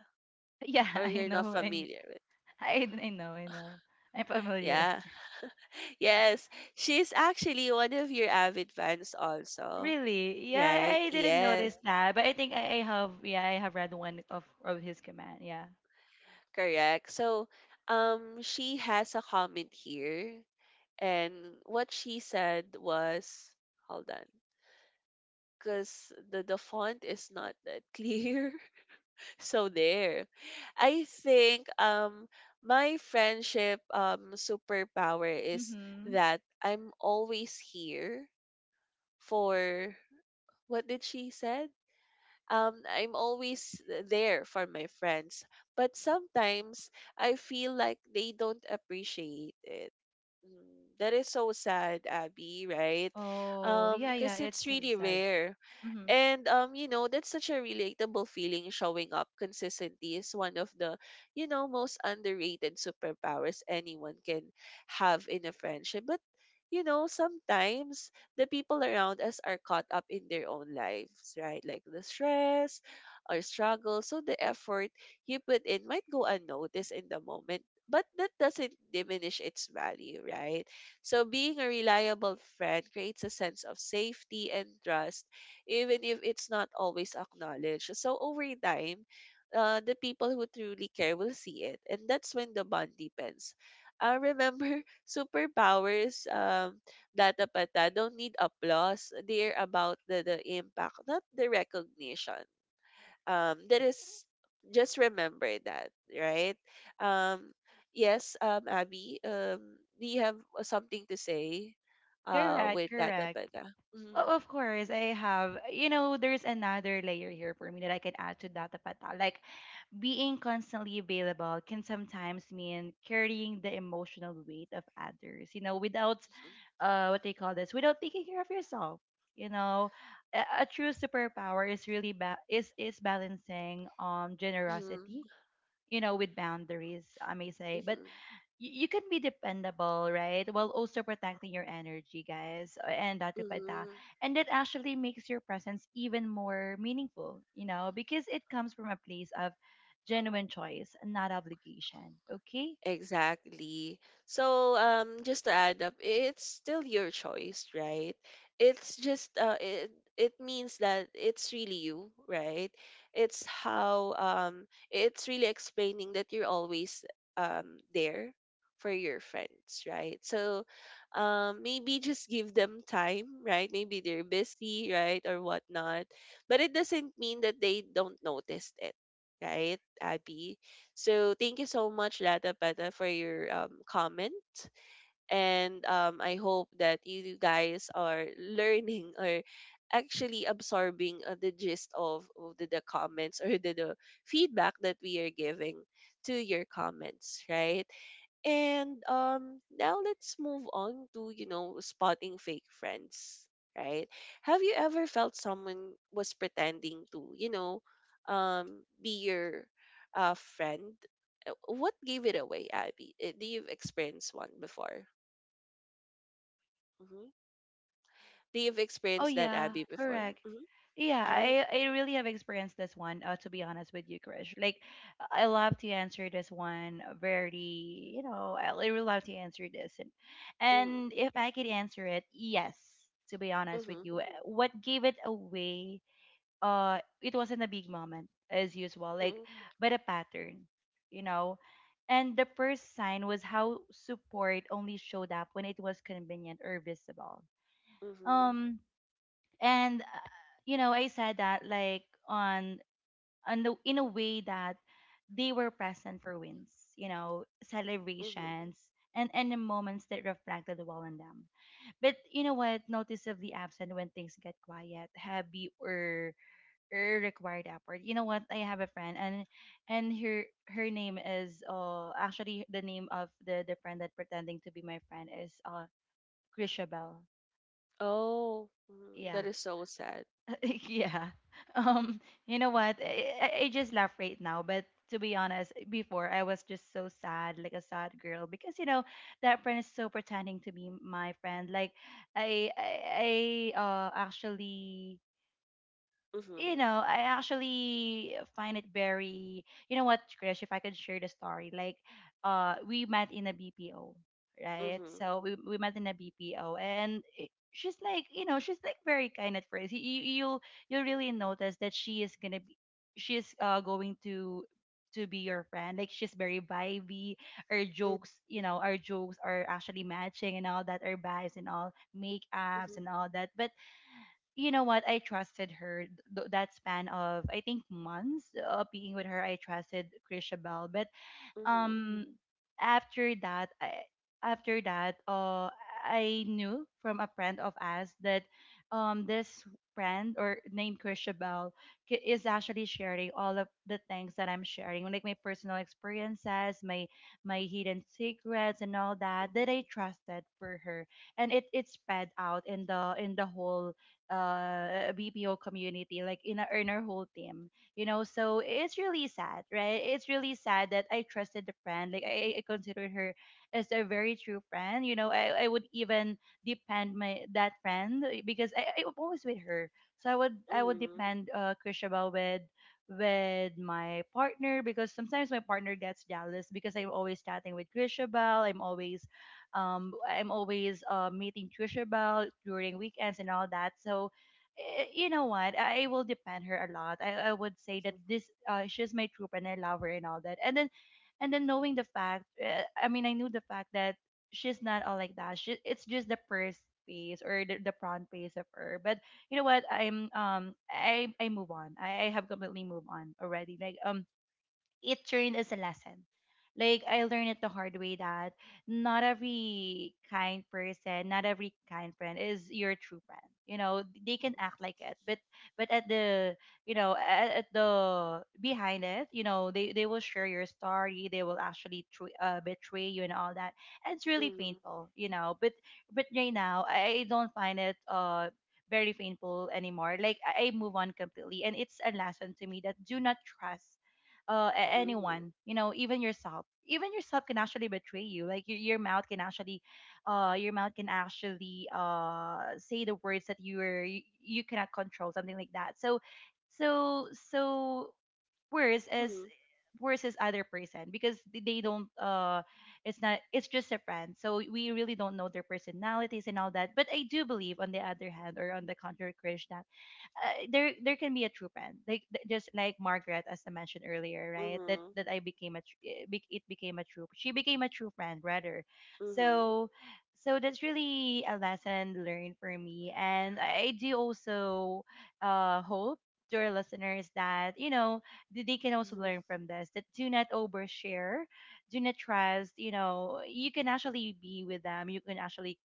B: Yeah,
A: Or
B: I
A: you're not
B: know. And
A: familiar with?
B: I know, I know. I'm familiar.
A: Yeah. Yes. She's actually one of your avid fans also.
B: Really? Yeah,
A: Right?
B: I didn't notice
A: Yes.
B: that, but I think I have, yeah, I have read one of his command. Yeah.
A: Correct. So, she has a comment here, and what she said was, hold on, because the font is not that clear. So there, I think my friendship superpower is
B: Mhm.
A: that I'm always here for, what did she said? I'm always there for my friends. But sometimes I feel like they don't appreciate it. Mm. That is so sad, Abby, right?
B: Oh, yeah, yeah.
A: Because
B: It's
A: it's
B: so
A: really
B: sad.
A: rare.
B: Mhm.
A: And that's such a relatable feeling. Showing up consistently is one of the, most underrated superpowers anyone can have in a friendship. But sometimes the people around us are caught up in their own lives, right? Like the stress or struggle. So the effort you put in might go unnoticed in the moment, but that doesn't diminish its value, right? So being a reliable friend creates a sense of safety and trust, even if it's not always acknowledged. So over time, the people who truly care will see it, and that's when the bond deepens. Remember, superpowers, Data Pata, don't need applause. They're about the impact, not the recognition. That is, just remember that, right. um yes, Abby, do you have something to say
B: Correct,
A: with that?
B: correct.
A: Mm-hmm,
B: Oh, of course, I have. You know, there's another layer here for me that I can add to that, Pata. Like being constantly available can sometimes mean carrying the emotional weight of others, you know, without what they call this, without taking care of yourself. You know, a true superpower is really is balancing generosity,
A: mm-hmm,
B: you know, with boundaries. I may say, but
A: mm-hmm,
B: you can be dependable, right? While also protecting your energy, guys, and Dati Pa Ta.
A: mm-hmm.
B: And that actually makes your presence even more meaningful, you know, because it comes from a place of genuine choice, not obligation. Okay?
A: Exactly. So, just to add up, it's still your choice, right? It's just it means that it's really you, right? It's how, it's really explaining that you're always there for your friends, right? So, maybe just give them time, right? Maybe they're busy, right, or whatnot, but it doesn't mean that they don't notice it, right, Abby? So thank you so much, Lata Pata, for your comment. And I hope that you guys are learning or actually absorbing the gist of the comments or the feedback that we are giving to your comments, right? And now let's move on to, spotting fake friends, right? Have you ever felt someone was pretending to, be your friend? What gave it away, Abby? Do you've experienced one before? Mm-hmm. Do you've
B: Oh
A: experienced that,
B: yeah,
A: Abby, before?
B: correct. Yeah,
A: Mm-hmm. Right?
B: I really have experienced this one. To be honest with you, Krish, like I love to answer this one very, you know, I really love to answer this, and
A: Mm-hmm.
B: if I could answer it, yes. To be honest with
A: Mm-hmm.
B: you, uh, what gave it away? It wasn't a big moment as usual, like,
A: Mm-hmm.
B: but a pattern, you know. And the first sign was how support only showed up when it was convenient or visible.
A: Mm-hmm.
B: Um and Uh, you know, I said that like on the in a way that they were present for wins, you know,
A: Mm-hmm.
B: celebrations, and the moments that reflected well on them, but you know what, noticeably absent when things get quiet, happy, or required effort. You know what, I have a friend, and her name is, uh, actually the name of the friend that pretending to be my friend is, uh, Chrisabel.
A: Oh, mhm. That
B: Yeah.
A: is so sad.
B: yeah. Um, you know what? I just laugh right now, but to be honest, before I was just so sad, like a sad girl, because, you know, that friend is so pretending to be my friend. Like I actually,
A: Mm-hmm.
B: you know, I actually find it very, you know what, Krish, if I could share the story, like, we met in a BPO, right?
A: Mm-hmm.
B: So we met in a BPO, and she's like, you know, she's like very kind at first. You'll, really notice that she is going to be your friend. Like she's very vibey. Our
A: Mm-hmm.
B: jokes, you know, our jokes are actually matching and all that. Our vibes and all, makeups and all that. But you know what, I trusted her, that span of, I think, months of being with her, I trusted Krisha, but
A: Mm-hmm.
B: um after that after that uh I knew from a friend of us that this friend or named Krishabel is actually sharing all of the things that I'm sharing, like my personal experiences, my hidden secrets and all that, that I
A: Mm-hmm.
B: trusted for her. And it spread out in the whole BPO community, like in our whole team, you know. So it's really sad, right? It's really sad that I trusted the friend, like, I considered her as a very true friend. You know, I would even depend my that friend, because I was always with her. So I would
A: Mhm.
B: depend, uh, Krishaba, with my partner, because sometimes my partner gets jealous because I'm always chatting with Trisha Bell. I'm always meeting Trisha Bell during weekends and all that. So, eh, you know what? I will depend her a lot. I would say that
A: Mhm.
B: this, she's my troop and I love her and all that. And then knowing the fact, I mean, I knew the fact that she's not all like that. She, it's just the first phase, or the front phase of her. But you know what? I move on. I have completely moved on already. Like it turned as a lesson. Like I learned it the hard way that not every kind person, not every kind friend is your true friend. You know, they can act like it, but at the at the behind it, you know they will share your story. They will actually betray you and all that. And it's really
A: Mhm.
B: painful, But right now I don't find it very painful anymore. Like I move on completely, and it's a lesson to me that do not trust
A: Mhm.
B: anyone, even yourself. Even yourself can actually betray you. Like your mouth can actually say the words that you cannot control, something like that. So so so worse is worse is other person, because th- they don't it's not, it's just a friend, so we really don't know their personalities and all that. But I do believe, on the other hand or on the contrary, Krish, that there can be a true friend. Like just like Margaret, as I mentioned earlier, right? that
A: Mhm.
B: that I became a tr- it bec- it became a true, she became a true friend rather.
A: Mhm.
B: So so that's really a lesson learned for me, and I do also hope to our listeners that, you know, they can also
A: Mhm.
B: learn from this, that do not overshare. Do not trust. You know, you can actually be with them, you can actually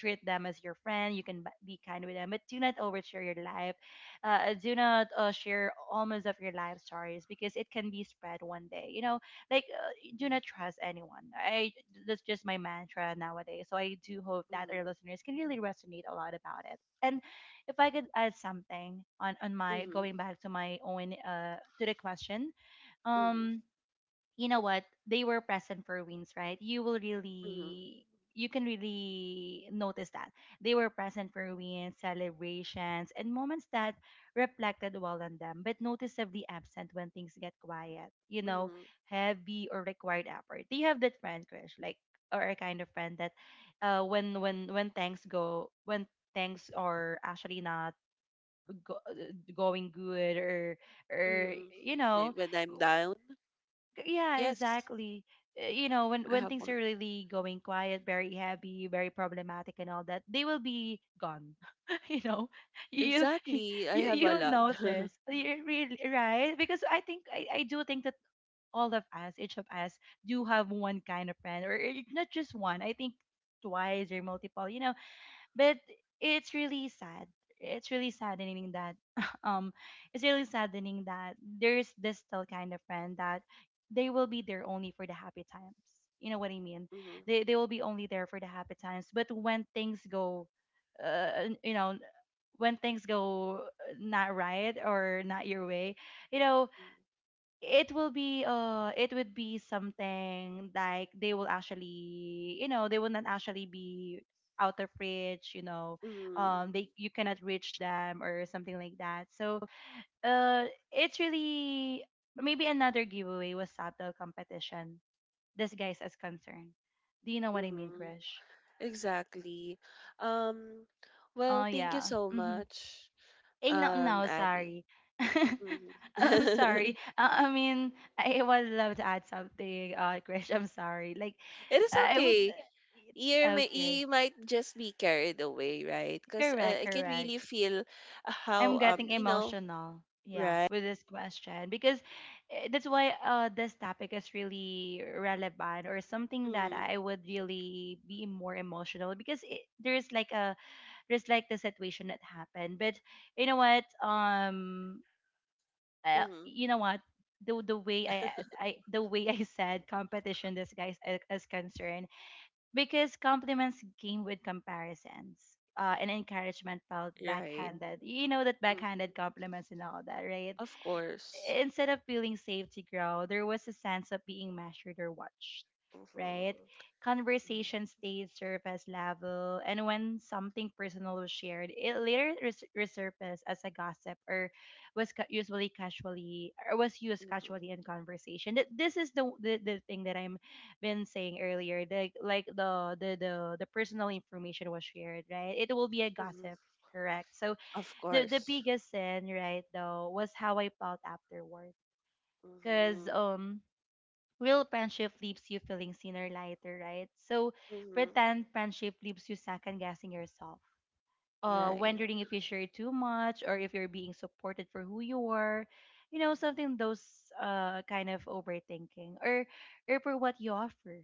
B: treat them as your friend, you can be kind with them, but do not overshare your life. Do not share almost of your life stories, because it can be spread one day, like do not trust anyone. I That's just my mantra nowadays. So I do hope that
A: Mhm.
B: our listeners can really resonate a lot about it. And if I could add something on,
A: Mhm.
B: my
A: Mhm.
B: going back to my own, to the question.
A: Mhm.
B: um you know what? They were present for wins, right? You will
A: Mhm.
B: really, you can really notice that they were present for wins, celebrations, and moments that reflected well on them, but noticeably absent when things get quiet, you know,
A: Mhm.
B: heavy, or required effort. Do you have that friend, crush? Like or a kind of friend that, when when things go, when things are actually not going good, or
A: Mhm.
B: you know?
A: Like, when I'm down,
B: Yeah,
A: yes,
B: exactly. You know, when
A: I have
B: things
A: one.
B: are really going quiet, very heavy, very problematic, and all that, they will be gone. You know, you you
A: Exactly, I have a
B: you'll
A: lot.
B: notice. You really, right? Because I think I do think that all of us, each of us, do have one kind of friend, or not just one. I think twice or multiple, you know. But it's really sad, it's really saddening that um it's really saddening that there's this still kind of friend that they will be there only for the happy times, you know what I mean?
A: Mhm.
B: They will be only there for the happy times, but when things go, uh, you know when things go not right or not your way, you know, it will be it would be something like, they will actually, you know, they will not actually be out of reach, you know.
A: Mhm.
B: They, you cannot reach them or something like that. So uh it's really, maybe another giveaway was subtle competition disguised as concern. Do you know what I mean,
A: Mhm.
B: Krish?
A: Exactly. Um.
B: Oh
A: Well, thank you
B: yeah.
A: so
B: Hmm.
A: much,
B: Eh, no, no,
A: Abby.
B: sorry.
A: Mhm.
B: I'm sorry. I mean, I would love to add something, Krish. I'm sorry. Like,
A: It is
B: I would.
A: okay. you may
B: Okay,
A: you might just be carried away, right? Because
B: correct,
A: I can
B: correct.
A: really feel,
B: I'm
A: how
B: getting emotional. Yeah,
A: right.
B: with this question, because eh, that's why this topic is really relevant, or something that
A: Mm-hmm.
B: I would really be more emotional, because there's like a, there's like the situation that happened. But you know what?
A: Mm-hmm.
B: You know what, the way I the way I said competition disguise is concerned, because compliments came with comparisons. And encouragement felt
A: Right.
B: backhanded. You know that,
A: Mm-hmm.
B: backhanded compliments and all that, right?
A: Of course.
B: Instead of feeling safe to grow, there was a sense of being measured or watched, right?
A: Mm-hmm.
B: Conversation
A: Mm-hmm.
B: stayed surface level, and when something personal was shared, it later resurfaced as a gossip, or was usually casually, or was used
A: Mm-hmm.
B: casually in conversation. This is the thing that I'm been saying earlier. Like the personal information was shared, right? It will be a
A: Mm-hmm.
B: gossip, correct? So
A: Of
B: the
A: course.
B: biggest sin, right, though, was how I felt afterward, because
A: Mm-hmm.
B: real friendship leaves you feeling seen or lighter, right? So
A: Mm-hmm.
B: pretend friendship leaves you second guessing yourself,
A: Right.
B: wondering if you share too much, or if you're being supported for who you are, you know, something, those kind of overthinking, or for what you offer.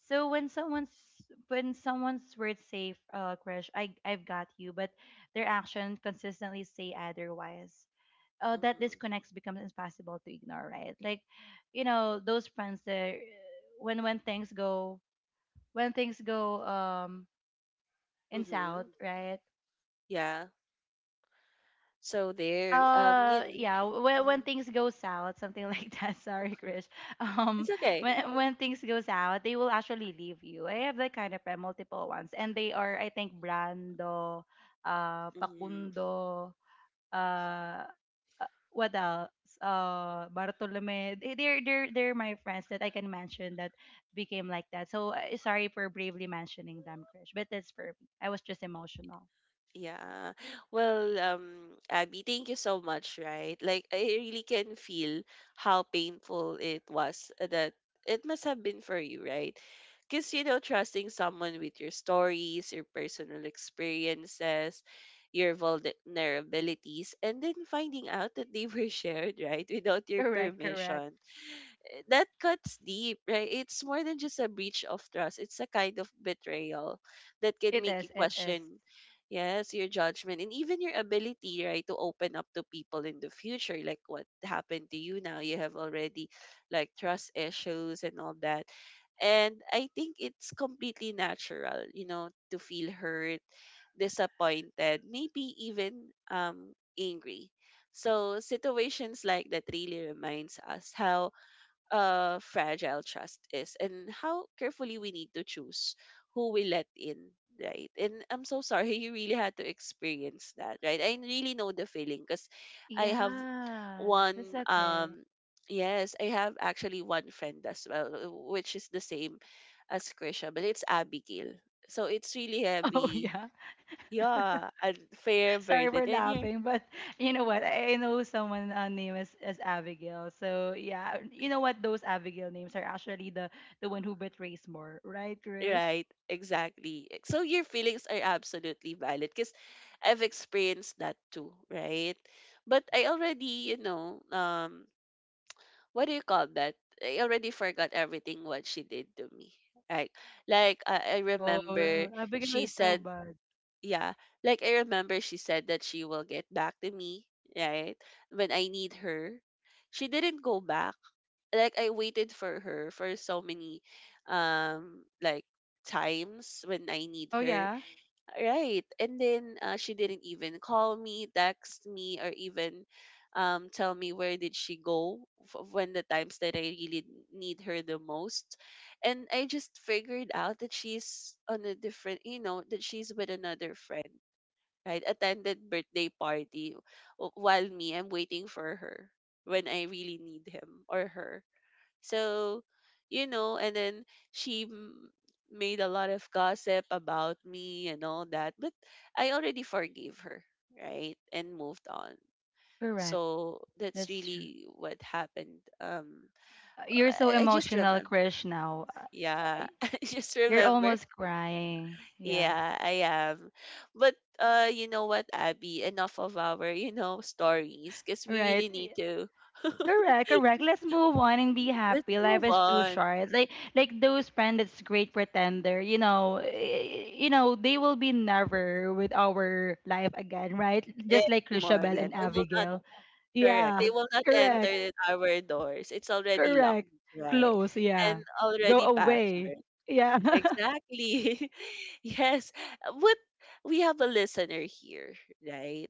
B: So when someone's, when someone's words say, uh, crush, I've got you, but their action consistently say otherwise. That
A: Mm-hmm.
B: disconnects becomes impossible to ignore, right? Like, you know, those friends that when things go, when things go in south,
A: Mm-hmm.
B: right?
A: Yeah. So there. You,
B: Yeah, when
A: mm-hmm.
B: things go south, something like that. Sorry, Krish. Um,
A: It's okay.
B: when things goes out, they will actually leave you. I have that kind of friend, multiple ones, and they are, I think, Brando,
A: Mm-hmm.
B: Pakundo, uh, what else? Bartolome. They're they're my friends that I can mention that became like that. So sorry for bravely mentioning them, Krish, but that's for me. I was just emotional.
A: Yeah. Well, Abby, thank you so much, right? Like, I really can feel how painful it was, that it must have been for you, right? Because, trusting someone with your stories, your personal experiences, your vulnerabilities, and then finding out that they were shared, right, without your
B: Correct, correct.
A: permission, That cuts deep, right? It's more than just a breach of trust. It's a kind of betrayal that can
B: It
A: make you
B: is, it is.
A: question, yes, your judgment and even your ability, right, to open up to people in the future. Like what happened to you now, you have already like trust issues and all that. And I think it's completely natural, to feel hurt, disappointed, maybe even angry. So situations like that really reminds us how fragile trust is and how carefully we need to choose who we let in, right? And I'm so sorry you really had to experience that, right? I really know the feeling because I have
B: Yeah, that's
A: one,
B: okay.
A: yes, I have actually one friend as well, which is the same as Krisha, but it's Abigail. So it's really
B: Oh
A: heavy.
B: yeah.
A: Yeah, unfair
B: Sorry
A: burden.
B: for
A: And you're,
B: laughing, but you know what? I know someone, name is Abigail. So yeah, you know what? Those Abigail names are actually the one who betrays more, right, Krish?
A: right, exactly. So your feelings are absolutely valid because I've experienced that too, right? But I already, what do you call that? I already forgot everything what she did to me. Right? Like I
B: Oh,
A: remember
B: Abigail
A: she
B: is so
A: said,
B: bad.
A: yeah, like I remember she said that she will get back to me, right? When I need her. She didn't go back, like I waited for her for so many like times when I need
B: Oh
A: her.
B: yeah.
A: Right. And then she didn't even call me, text me, or even tell me where did she go when the times that I really need her the most. And I just figured out that she's on a different, that she's with another friend. Right, attended birthday party, while me I'm waiting for her when I really need him or her, so, and then she m- made a lot of gossip about me and all that, but I already forgave her, right? And moved on.
B: Correct.
A: So that's
B: That's true.
A: really what happened.
B: You're so
A: I just
B: emotional,
A: remember.
B: Krish, now. Uh,
A: Yeah, I just
B: You're
A: remember.
B: almost crying. Yeah.
A: Yeah, I am. But you know what, Abby? Enough of our, stories, because we
B: Right.
A: really need to.
B: Correct, correct. Let's move on and be
A: Let's
B: happy. Life
A: move
B: is too
A: on.
B: short. Like those friends that's great pretender, you know, eh, you know, they will be never with our life again, right?
A: There
B: Just like
A: are more. Yeah,
B: Chrisabel and
A: they will not—
B: Abigail.
A: correct. They
B: Yeah.
A: will not
B: Correct.
A: enter our doors. It's already locked,
B: Correct.
A: right?
B: Close,
A: And
B: yeah. Go
A: already
B: away.
A: password.
B: Yeah.
A: Exactly. Yes. What, we have a listener here, right?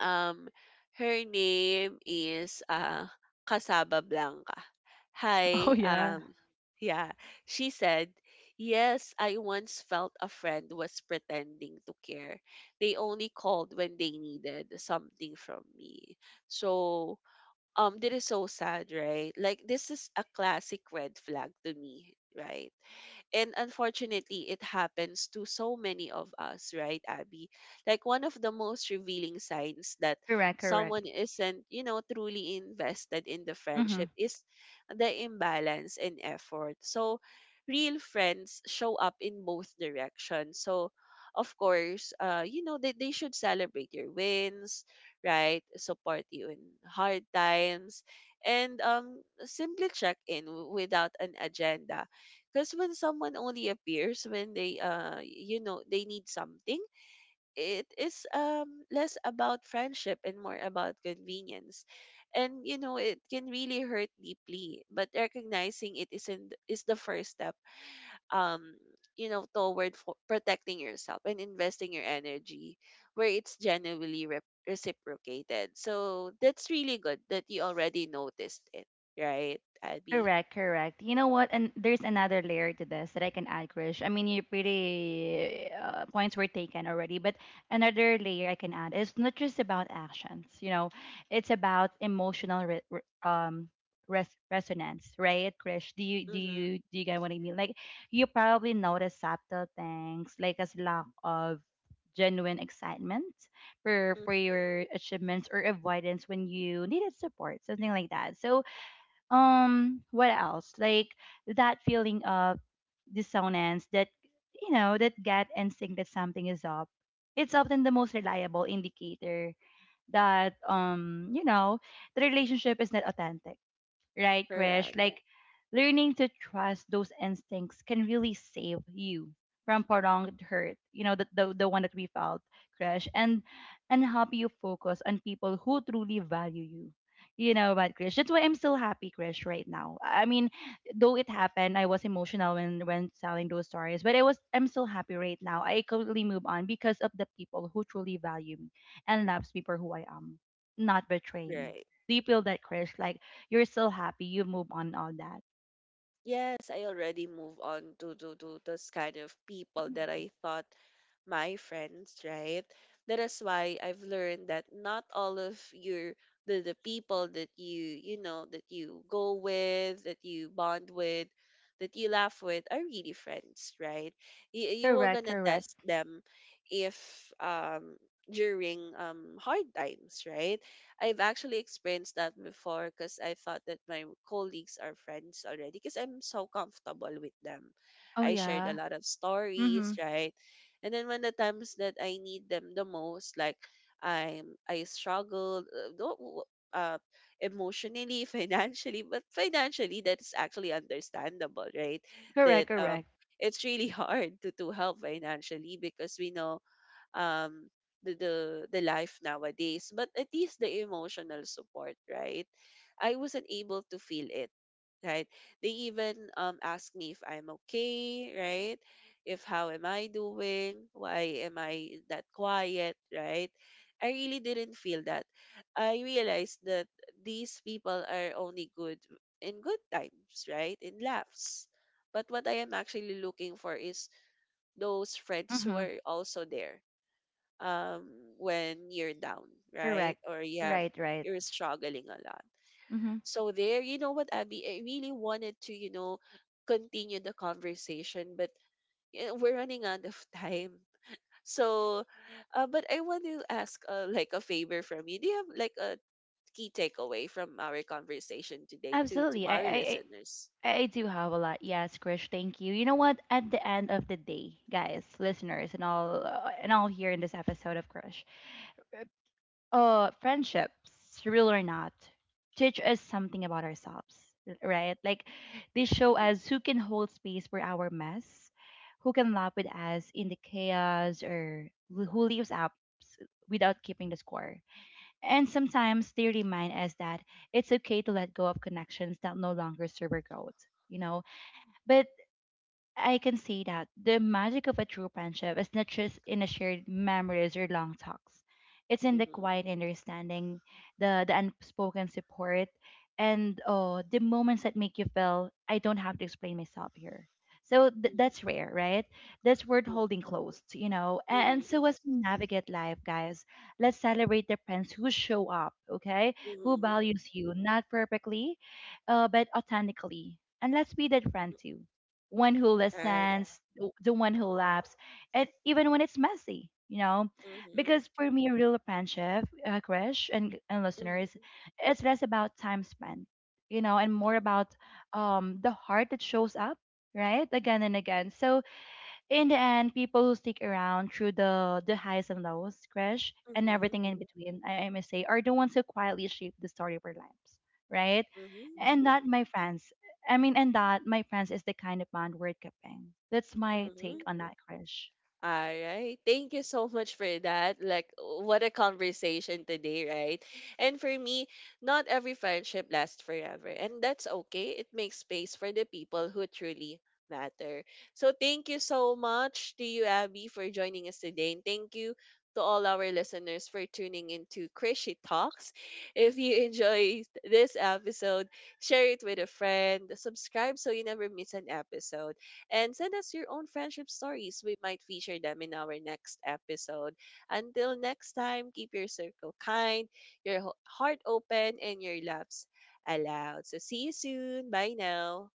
A: Um her name is Casaba Blanca.
B: Oh
A: Hi,
B: yeah.
A: yeah. She said, "Yes, I once felt a friend was pretending to care. They only called when they needed something from me." So, that is so sad, right. Like this is a classic red flag to me, right. And unfortunately, it happens to so many of us, right, Abby? Like one of the most revealing signs that
B: Correct, correct.
A: someone isn't, truly invested in the friendship is the imbalance in effort. So real friends show up in both directions. So of course, they should celebrate your wins, right? Support you in hard times, and simply check in, without an agenda, because when someone only appears when they you know they need something, it is less about friendship and more about convenience. And you know it can really hurt deeply, but recognizing it isn't is the first step, um toward for protecting yourself and investing your energy where it's genuinely reciprocated. So that's really good that you already noticed it, right, Abby?
B: Correct, correct. You know what? And there's another layer to this that I can add, Krish. I mean, you pretty points were taken already, but another layer I can add is, not just about actions, you know, it's about emotional resonance, right, Krish? Do you do
A: Mm-hmm.
B: you do you get what I mean? Like, you probably notice subtle things like a lack of genuine excitement for
A: Mm.
B: your achievements, or avoidance when you needed support, something like that. So what else, like that feeling of dissonance, that, you know, that gut instinct that something is up, it's often the most reliable indicator that, you know, the relationship is not authentic, right, Krish?
A: Correct.
B: Like learning to trust those instincts can really save you from prolonged hurt, you know, the one that we felt, Krish, and help you focus on people who truly value you. You know what, Krish? That's why I'm still happy, Krish, right now. I mean, though it happened, I was emotional when telling those stories, but I'm still happy right now. I completely move on because of the people who truly value me and loves me for who I am, not betray me.
A: Right.
B: Do you feel that, Krish? Like you're still happy, you move on all that.
A: Yes, I already move on to this kind of people that
B: Mhm.
A: I thought my friends, right? That is why I've learned that not all of the people that that you go with, that you bond with, that you laugh with are really friends, right? You are
B: Correct,
A: gonna
B: correct.
A: test them if um during hard times, right? I've actually experienced that before because I thought that my colleagues are friends already because I'm so comfortable with them.
B: Oh
A: I shared a
B: yeah.
A: lot of stories,
B: Mm-hmm.
A: right? And then when the times that I need them the most, like I struggled, don't w- emotionally, financially, but financially that's actually understandable, right? That
B: Correct, correct.
A: it's really hard to help financially because we know, um the, the the life nowadays, but at least the emotional support, right. I wasn't able to feel it, right. They even ask me if I'm okay, right. If how am I doing, why am I that quiet, right. I really didn't feel that. I realized that these people are only good in good times, right, in laughs, but what I am actually looking for is those friends who
B: Mm-hmm.
A: are also there, um, when you're down, right?
B: Correct.
A: Or
B: Right, right.
A: you're struggling a lot.
B: Mm-hmm.
A: So there, you know what, Abby, I really wanted to, continue the conversation, but we're running out of time. So, but I want to ask, like a favor from you. Do you have like a key takeaway from our conversation today to
B: Absolutely. I,
A: our
B: I, I
A: listeners?
B: I do have a lot. Yes, Krish. Thank you. You know what? At the end of the day, guys, listeners, and all here in this episode of Krish, friendships, real or not, teach us something about ourselves, right? Like they show
A: Mhm,
B: us who can hold space for our mess, who can laugh with us in the chaos, or who leaves up without keeping the score. And sometimes they remind us that it's okay to let go of connections that no longer serve our growth, you know. But I can say that the magic of a true friendship is not just in the shared memories or long talks. It's in the
A: mhm,
B: quiet understanding, the unspoken support, and, oh, the moments that make you feel, I don't have to explain myself here. So
A: mhm,
B: that's rare, right? That's worth holding close, you know.
A: mhm,
B: And
A: mhm,
B: so as we navigate life, guys, let's celebrate the friends who show up, okay?
A: mhm,
B: Who
A: mhm.
B: values you, not perfectly, but authentically. And let's be that friend too, one who
A: Right.
B: listens, the one who laughs, and even when it's messy, you know?
A: Mhm,
B: Because for me, real friendship, Krish, and
A: mhm,
B: listeners, it's less about time spent, you know, and more about the heart that shows up, right? Again and again. So in the end, people who stick around through the highs and lows, crash,
A: mhm,
B: and
A: mhm,
B: everything in between, I must say, are the ones who quietly shape the story of our lives, right?
A: mhm,
B: And that, my friends, I mean, and that, my friends, is the kind of bond worth keeping. That's my take
A: mhm.
B: on that, crash.
A: All right. Thank you so much for that. Like, what a conversation today, right? And for me, not every friendship lasts forever. And that's okay. It makes space for the people who truly matter. So, thank you so much to you, Abby, for joining us today. And thank you to all our listeners for tuning into Crazy Talks. If you enjoyed this episode, share it with a friend, subscribe so you never miss an episode, and send us your own friendship stories. We might feature them in our next episode. Until next time, keep your circle kind, your heart open, and your laughs allowed. So see you soon. Bye now.